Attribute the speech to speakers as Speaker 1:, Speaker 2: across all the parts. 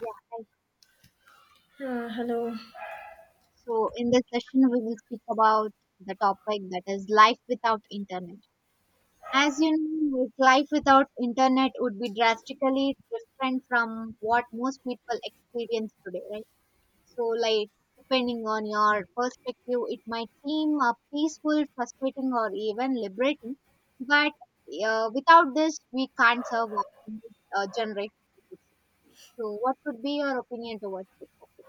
Speaker 1: Yeah, hi.
Speaker 2: Hello.
Speaker 1: So in this session, we will speak about the topic that is life without internet. As you know, like, life without internet would be drastically different from what most people experience today, right? So, like, depending on your perspective, it might seem peaceful, frustrating, or even liberating. But without this, we can't survive in this generation. So, what would be your opinion towards this topic?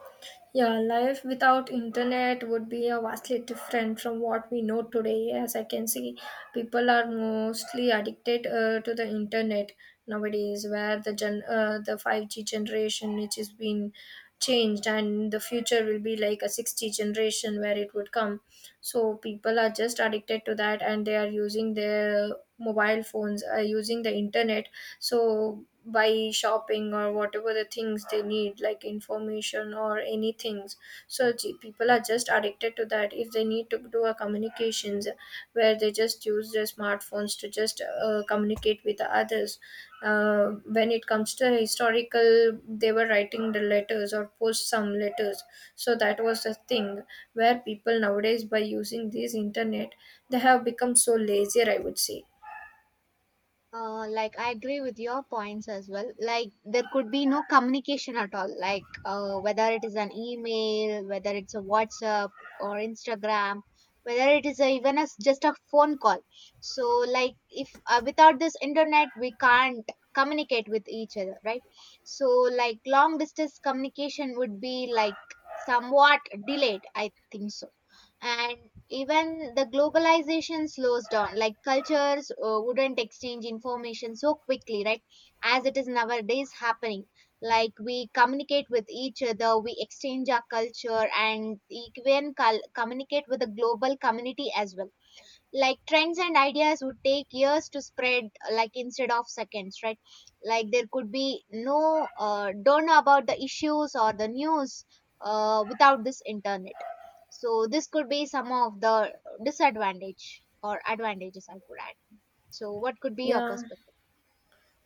Speaker 2: Yeah, life without internet would be a vastly different from what we know today. As I can see, people are mostly addicted to the internet nowadays, where the 5G generation which has been changed, and the future will be like a 6G generation where it would come. So people are just addicted to that, and they are using their mobile phones, using the internet so by shopping or whatever the things they need like information or any things so people are just addicted to that. If they need to do a communications where they just use their smartphones to just communicate with the others. uh, when it comes to historical, they were writing the letters or post some letters, so that was the thing where people nowadays, by using this internet, they have become so lazier, I would say.
Speaker 1: Like I agree with your points as well. Like there could be no communication at all. Like whether it is an email, whether it's a WhatsApp or Instagram, whether it is a, even as just a phone call. So like if without this internet we can't communicate with each other, right? So like long distance communication would be like somewhat delayed. I think so, and even the globalization slows down, like cultures wouldn't exchange information so quickly, right, as it is nowadays happening. Like we communicate with each other, we exchange our culture and even communicate with the global community as well. Like trends and ideas would take years to spread, like instead of seconds, right. Like there could be no don't know about the issues or the news without this internet. So this could be some of the disadvantage or advantages I could add. So what could be your
Speaker 2: Yeah,
Speaker 1: perspective?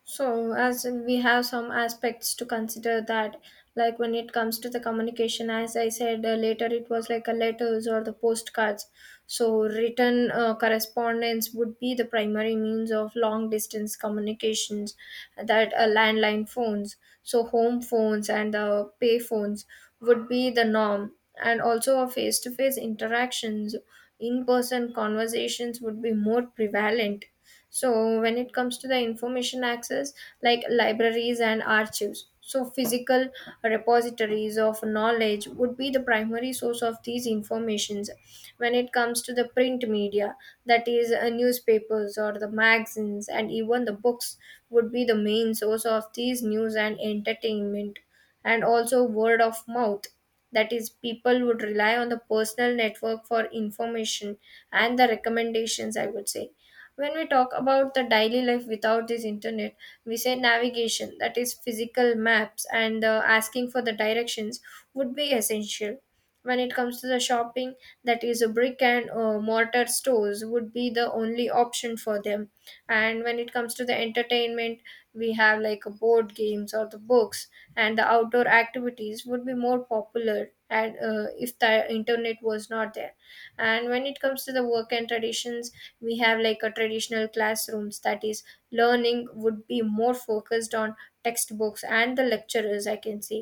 Speaker 2: so, as in we have some aspects to consider that, like when it comes to the communication, as I said later, it was like a letters or the postcards. So, written correspondence would be the primary means of long distance communications, that landline phones, so home phones and the pay phones would be the norm, and also a face to face interactions, in person conversations would be more prevalent. So when it comes to the information access, like libraries and archives, so physical repositories of knowledge would be the primary source of these informations. When it comes to the print media, that is newspapers or the magazines and even the books would be the main source of these news and entertainment, and also word of mouth, that is people would rely on the personal network for information and the recommendations, I would say. When we talk about the daily life without this internet, we say navigation, that is physical maps, and asking for the directions would be essential. When it comes to the shopping, that is a brick and mortar stores would be the only option for them. And when it comes to the entertainment, we have like a board games or the books, and the outdoor activities would be more popular, and if the internet was not there. And when it comes to the work and traditions, we have like a traditional classrooms, that is learning would be more focused on textbooks and the lecturers, I can say.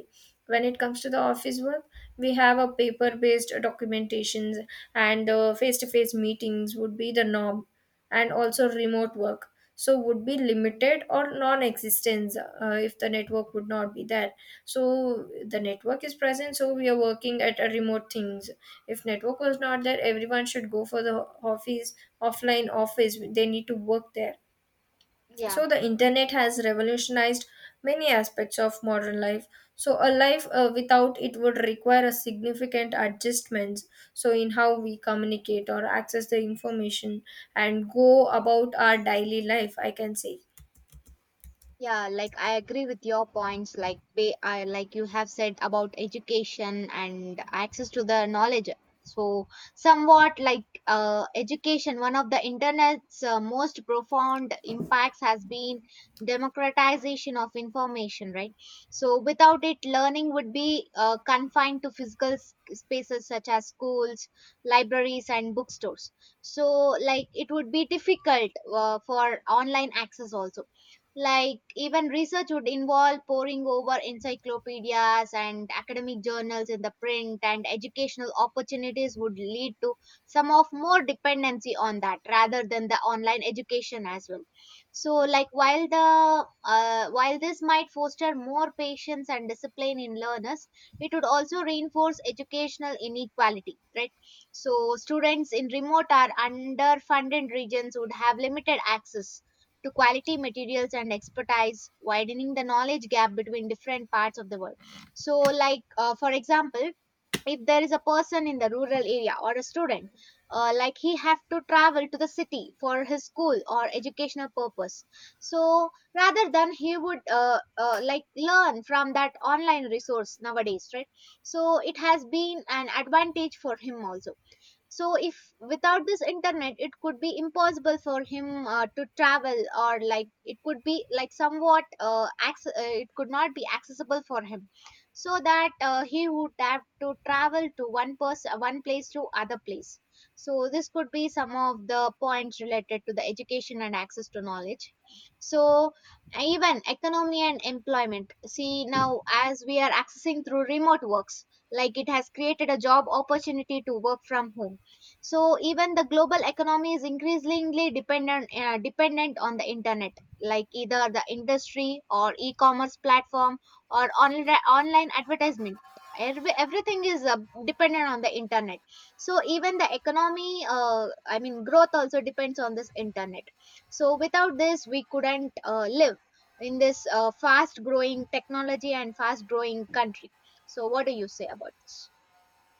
Speaker 2: When it comes to the office work, we have a paper based documentations, and the face to face meetings would be the norm, and also remote work so would be limited or non-existence if the network would not be there. So the network is present, so we are working at a remote things. If network was not there, everyone should go for the office, offline office. They need to work there.
Speaker 1: Yeah.
Speaker 2: So the internet has revolutionized many aspects of modern life. So a life without it would require a significant adjustments, so in how we communicate or access the information and go about our daily life, I can say.
Speaker 1: Yeah, like I agree with your points, like I like you have said about education and access to the knowledge. So somewhat like education, one of the internet's most profound impacts has been democratization of information, right? So without it, learning would be confined to physical spaces such as schools, libraries, and bookstores. So like it would be difficult for online access also, like, even research would involve poring over encyclopedias and academic journals in the print, and educational opportunities would lead to some of more dependency on that rather than the online education as well. So, like, while the while this might foster more patience and discipline in learners, it would also reinforce educational inequality, right? So, students in remote or underfunded regions would have limited access to quality materials and expertise, widening the knowledge gap between different parts of the world. So, like for example, if there is a person in the rural area or a student, like he have to travel to the city for his school or educational purpose. So rather than he would like learn from that online resource nowadays, right? So it has been an advantage for him also. So if without this internet it could be impossible for him to travel, or like it could be like somewhat it could not be accessible for him, so that he would have to travel to one person, one place to other place. So this could be some of the points related to the education and access to knowledge. So even economy and employment, see now as we are accessing through remote works, like it has created a job opportunity to work from home. So even the global economy is increasingly dependent on the internet, like either the industry or e-commerce platform or online advertisement. Everything is dependent on the internet. So even the economy I mean growth also depends on this internet. So without this we couldn't live in this fast growing technology and fast growing country. So what do you say about this?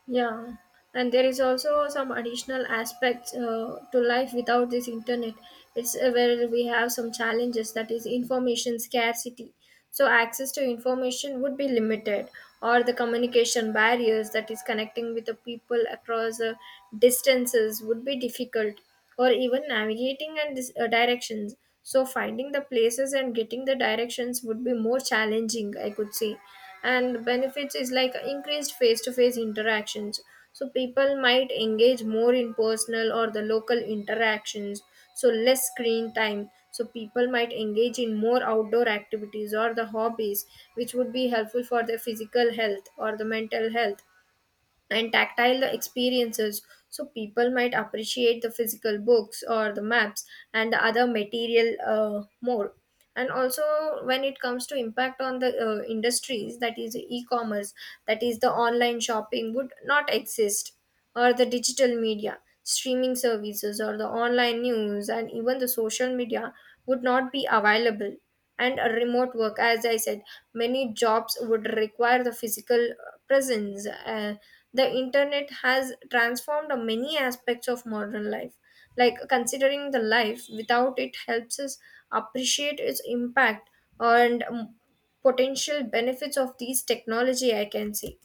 Speaker 2: Yeah, and there is also some additional aspects to life without this internet. It's where we have some challenges, that is information scarcity. So access to information would be limited, or the communication barriers, that is connecting with the people across distances would be difficult, or even navigating and directions. So finding the places and getting the directions would be more challenging, I could say. And benefits is like increased face-to-face interactions, so people might engage more in personal or the local interactions. So less screen time, so people might engage in more outdoor activities or the hobbies, which would be helpful for their physical health or the mental health. And tactile experiences, so people might appreciate the physical books or the maps and the other material more. And also, when it comes to impact on the industries, that is e-commerce, that is the online shopping would not exist, or the digital media streaming services or the online news and even the social media would not be available. And a remote work, as I said, many jobs would require the physical presence. The internet has transformed many aspects of modern life, like considering the life without it helps us appreciate its impact and potential benefits of these technology, I can say.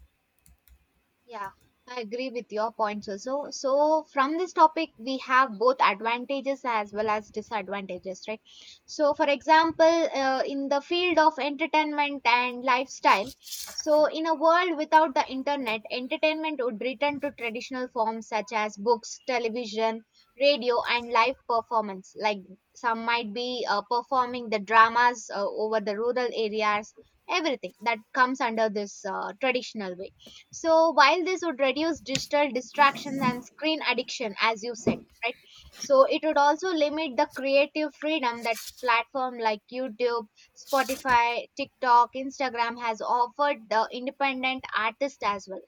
Speaker 1: Yeah, I agree with your points also. So, from this topic, we have both advantages as well as disadvantages, right? So, for example, in the field of entertainment and lifestyle, so in a world without the internet, entertainment would return to traditional forms such as books, television, radio, and live performance. Like some might be performing the dramas over the rural areas, everything that comes under this traditional way. So while this would reduce digital distraction and screen addiction, as you said, right? So it would also limit the creative freedom that platform like YouTube, Spotify, TikTok, Instagram has offered the independent artist as well.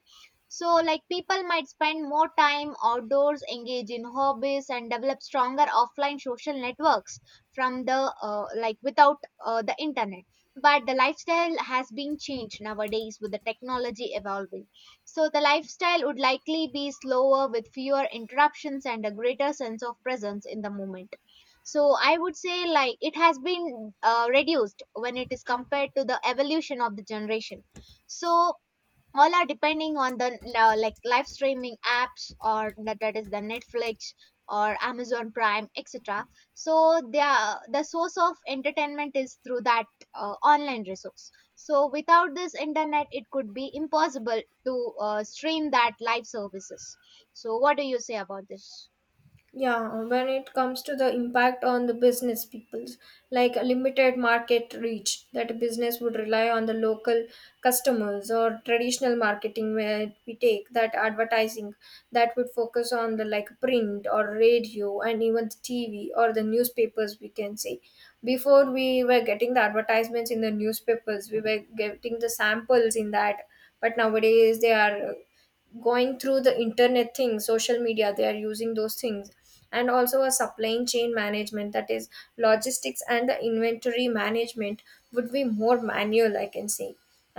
Speaker 1: So, like people might spend more time outdoors, engage in hobbies, and develop stronger offline social networks from the like without the internet. But the lifestyle has been changed nowadays with the technology evolving. So, the lifestyle would likely be slower with fewer interruptions and a greater sense of presence in the moment. So, I would say like it has been reduced when it is compared to the evolution of the generation. So, all are depending on the like live streaming apps or that, is the Netflix or Amazon Prime, etc. So the source of entertainment is through that online resource. So without this internet it could be impossible to stream that live services. So what do you say about this?
Speaker 2: Yeah, when it comes to the impact on the business people, like a limited market reach, that a business would rely on the local customers or traditional marketing where we take that advertising that would focus on the like print or radio and even the TV or the newspapers, we can say. Before we were getting the advertisements in the newspapers, we were getting the samples in that, but nowadays they are going through the internet things, social media, they are using those things. And also a supply chain management, that is logistics and the inventory management would be more manual, I can say.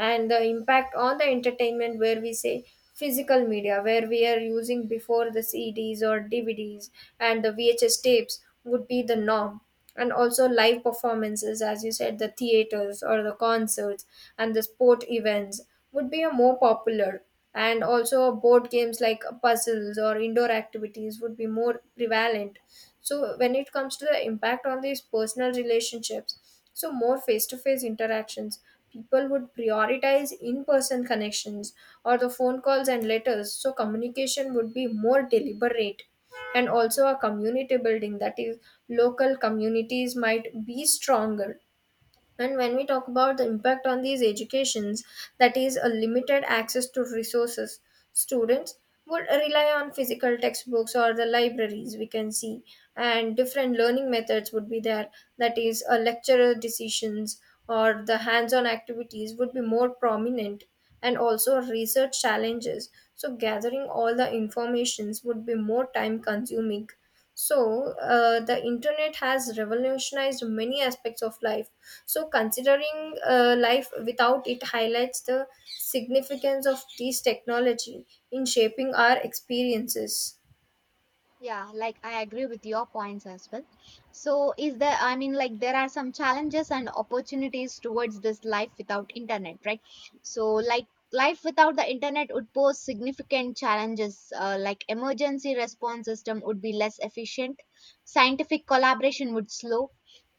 Speaker 2: And the impact on the entertainment, where we say physical media, where we are using before, the CDs or DVDs and the VHS tapes would be the norm. And also live performances, as you said, the theaters or the concerts and the sport events would be a more popular. And also board games like puzzles or indoor activities would be more prevalent. So when it comes to the impact on these personal relationships, so more face to face interactions, people would prioritize in person connections or the phone calls and letters, so communication would be more deliberate. And also a community building, that is local communities might be stronger. And when we talk about the impact on these educations, that is a limited access to resources, students would rely on physical textbooks or the libraries, we can see. And different learning methods would be there, that is a lecturer decisions or the hands-on activities would be more prominent. And also research challenges, so gathering all the informations would be more time consuming. So the internet has revolutionized many aspects of life, so considering life without it highlights the significance of this technology in shaping our experiences.
Speaker 1: Yeah, like I agree with your points as well. So, is there, I mean, like there are some challenges and opportunities towards this life without internet, right? So, like life without the internet would pose significant challenges, like emergency response system would be less efficient, scientific collaboration would slow,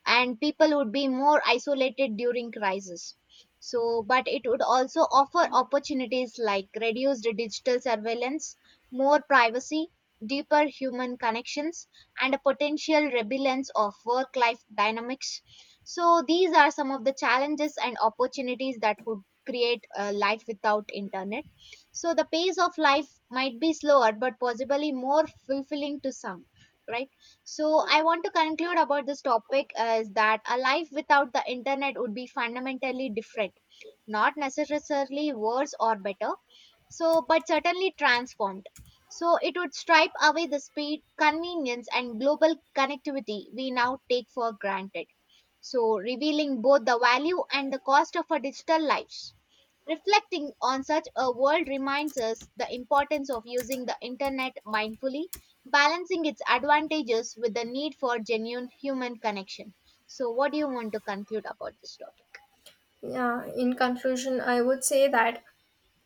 Speaker 1: and people would be more isolated during crisis. So but it would also offer opportunities like reduced digital surveillance, more privacy, deeper human connections, and a potential rebellion of work life dynamics. So these are some of the challenges and opportunities that could create a life without internet. So the pace of life might be slower but possibly more fulfilling to some, right? So I want to conclude about this topic is that a life without the internet would be fundamentally different, not necessarily worse or better, so but certainly transformed. So it would stripe away the speed, convenience, and global connectivity we now take for granted. So revealing both the value and the cost of our digital lives. Reflecting on such a world reminds us the importance of using the internet mindfully, balancing its advantages with the need for genuine human connection. So, what do you want to conclude about this topic?
Speaker 2: Yeah, in conclusion, I would say that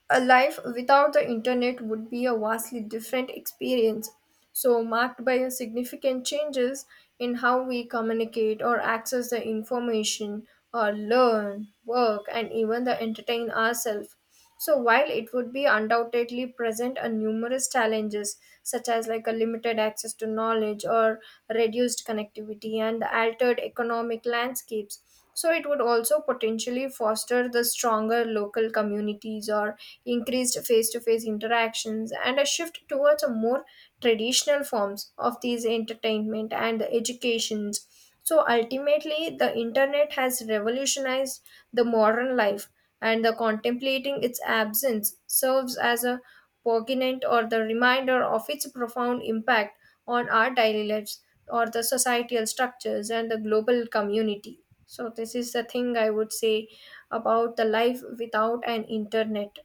Speaker 2: a life without the internet would be a vastly different experience, so marked by a significant changes in how we communicate or access the information or learn, work, and even the entertain ourselves. So while it would be undoubtedly present a numerous challenges such as like a limited access to knowledge or reduced connectivity and the altered economic landscapes, so it would also potentially foster the stronger local communities or increased face-to-face interactions and a shift towards a more traditional forms of these entertainment and educations. So ultimately, the internet has revolutionized the modern life, and the contemplating its absence serves as a poignant or the reminder of its profound impact on our daily lives or the societal structures and the global community. So this is the thing I would say about the life without an internet.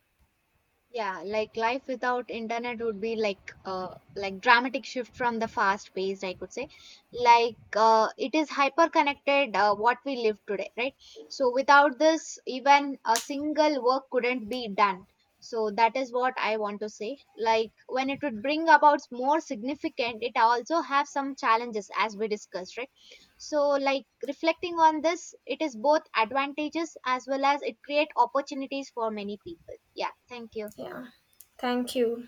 Speaker 1: Yeah, like life without internet would be like dramatic shift from the fast paced I could say. Like it is hyper connected, what we live today, right? So without this even a single work couldn't be done. So that is what I want to say. Like when it would bring about more significant, it also have some challenges as we discussed, right? So like reflecting on this, it is both advantages as well as it create opportunities for many people. Yeah, thank you.
Speaker 2: Yeah. Thank you.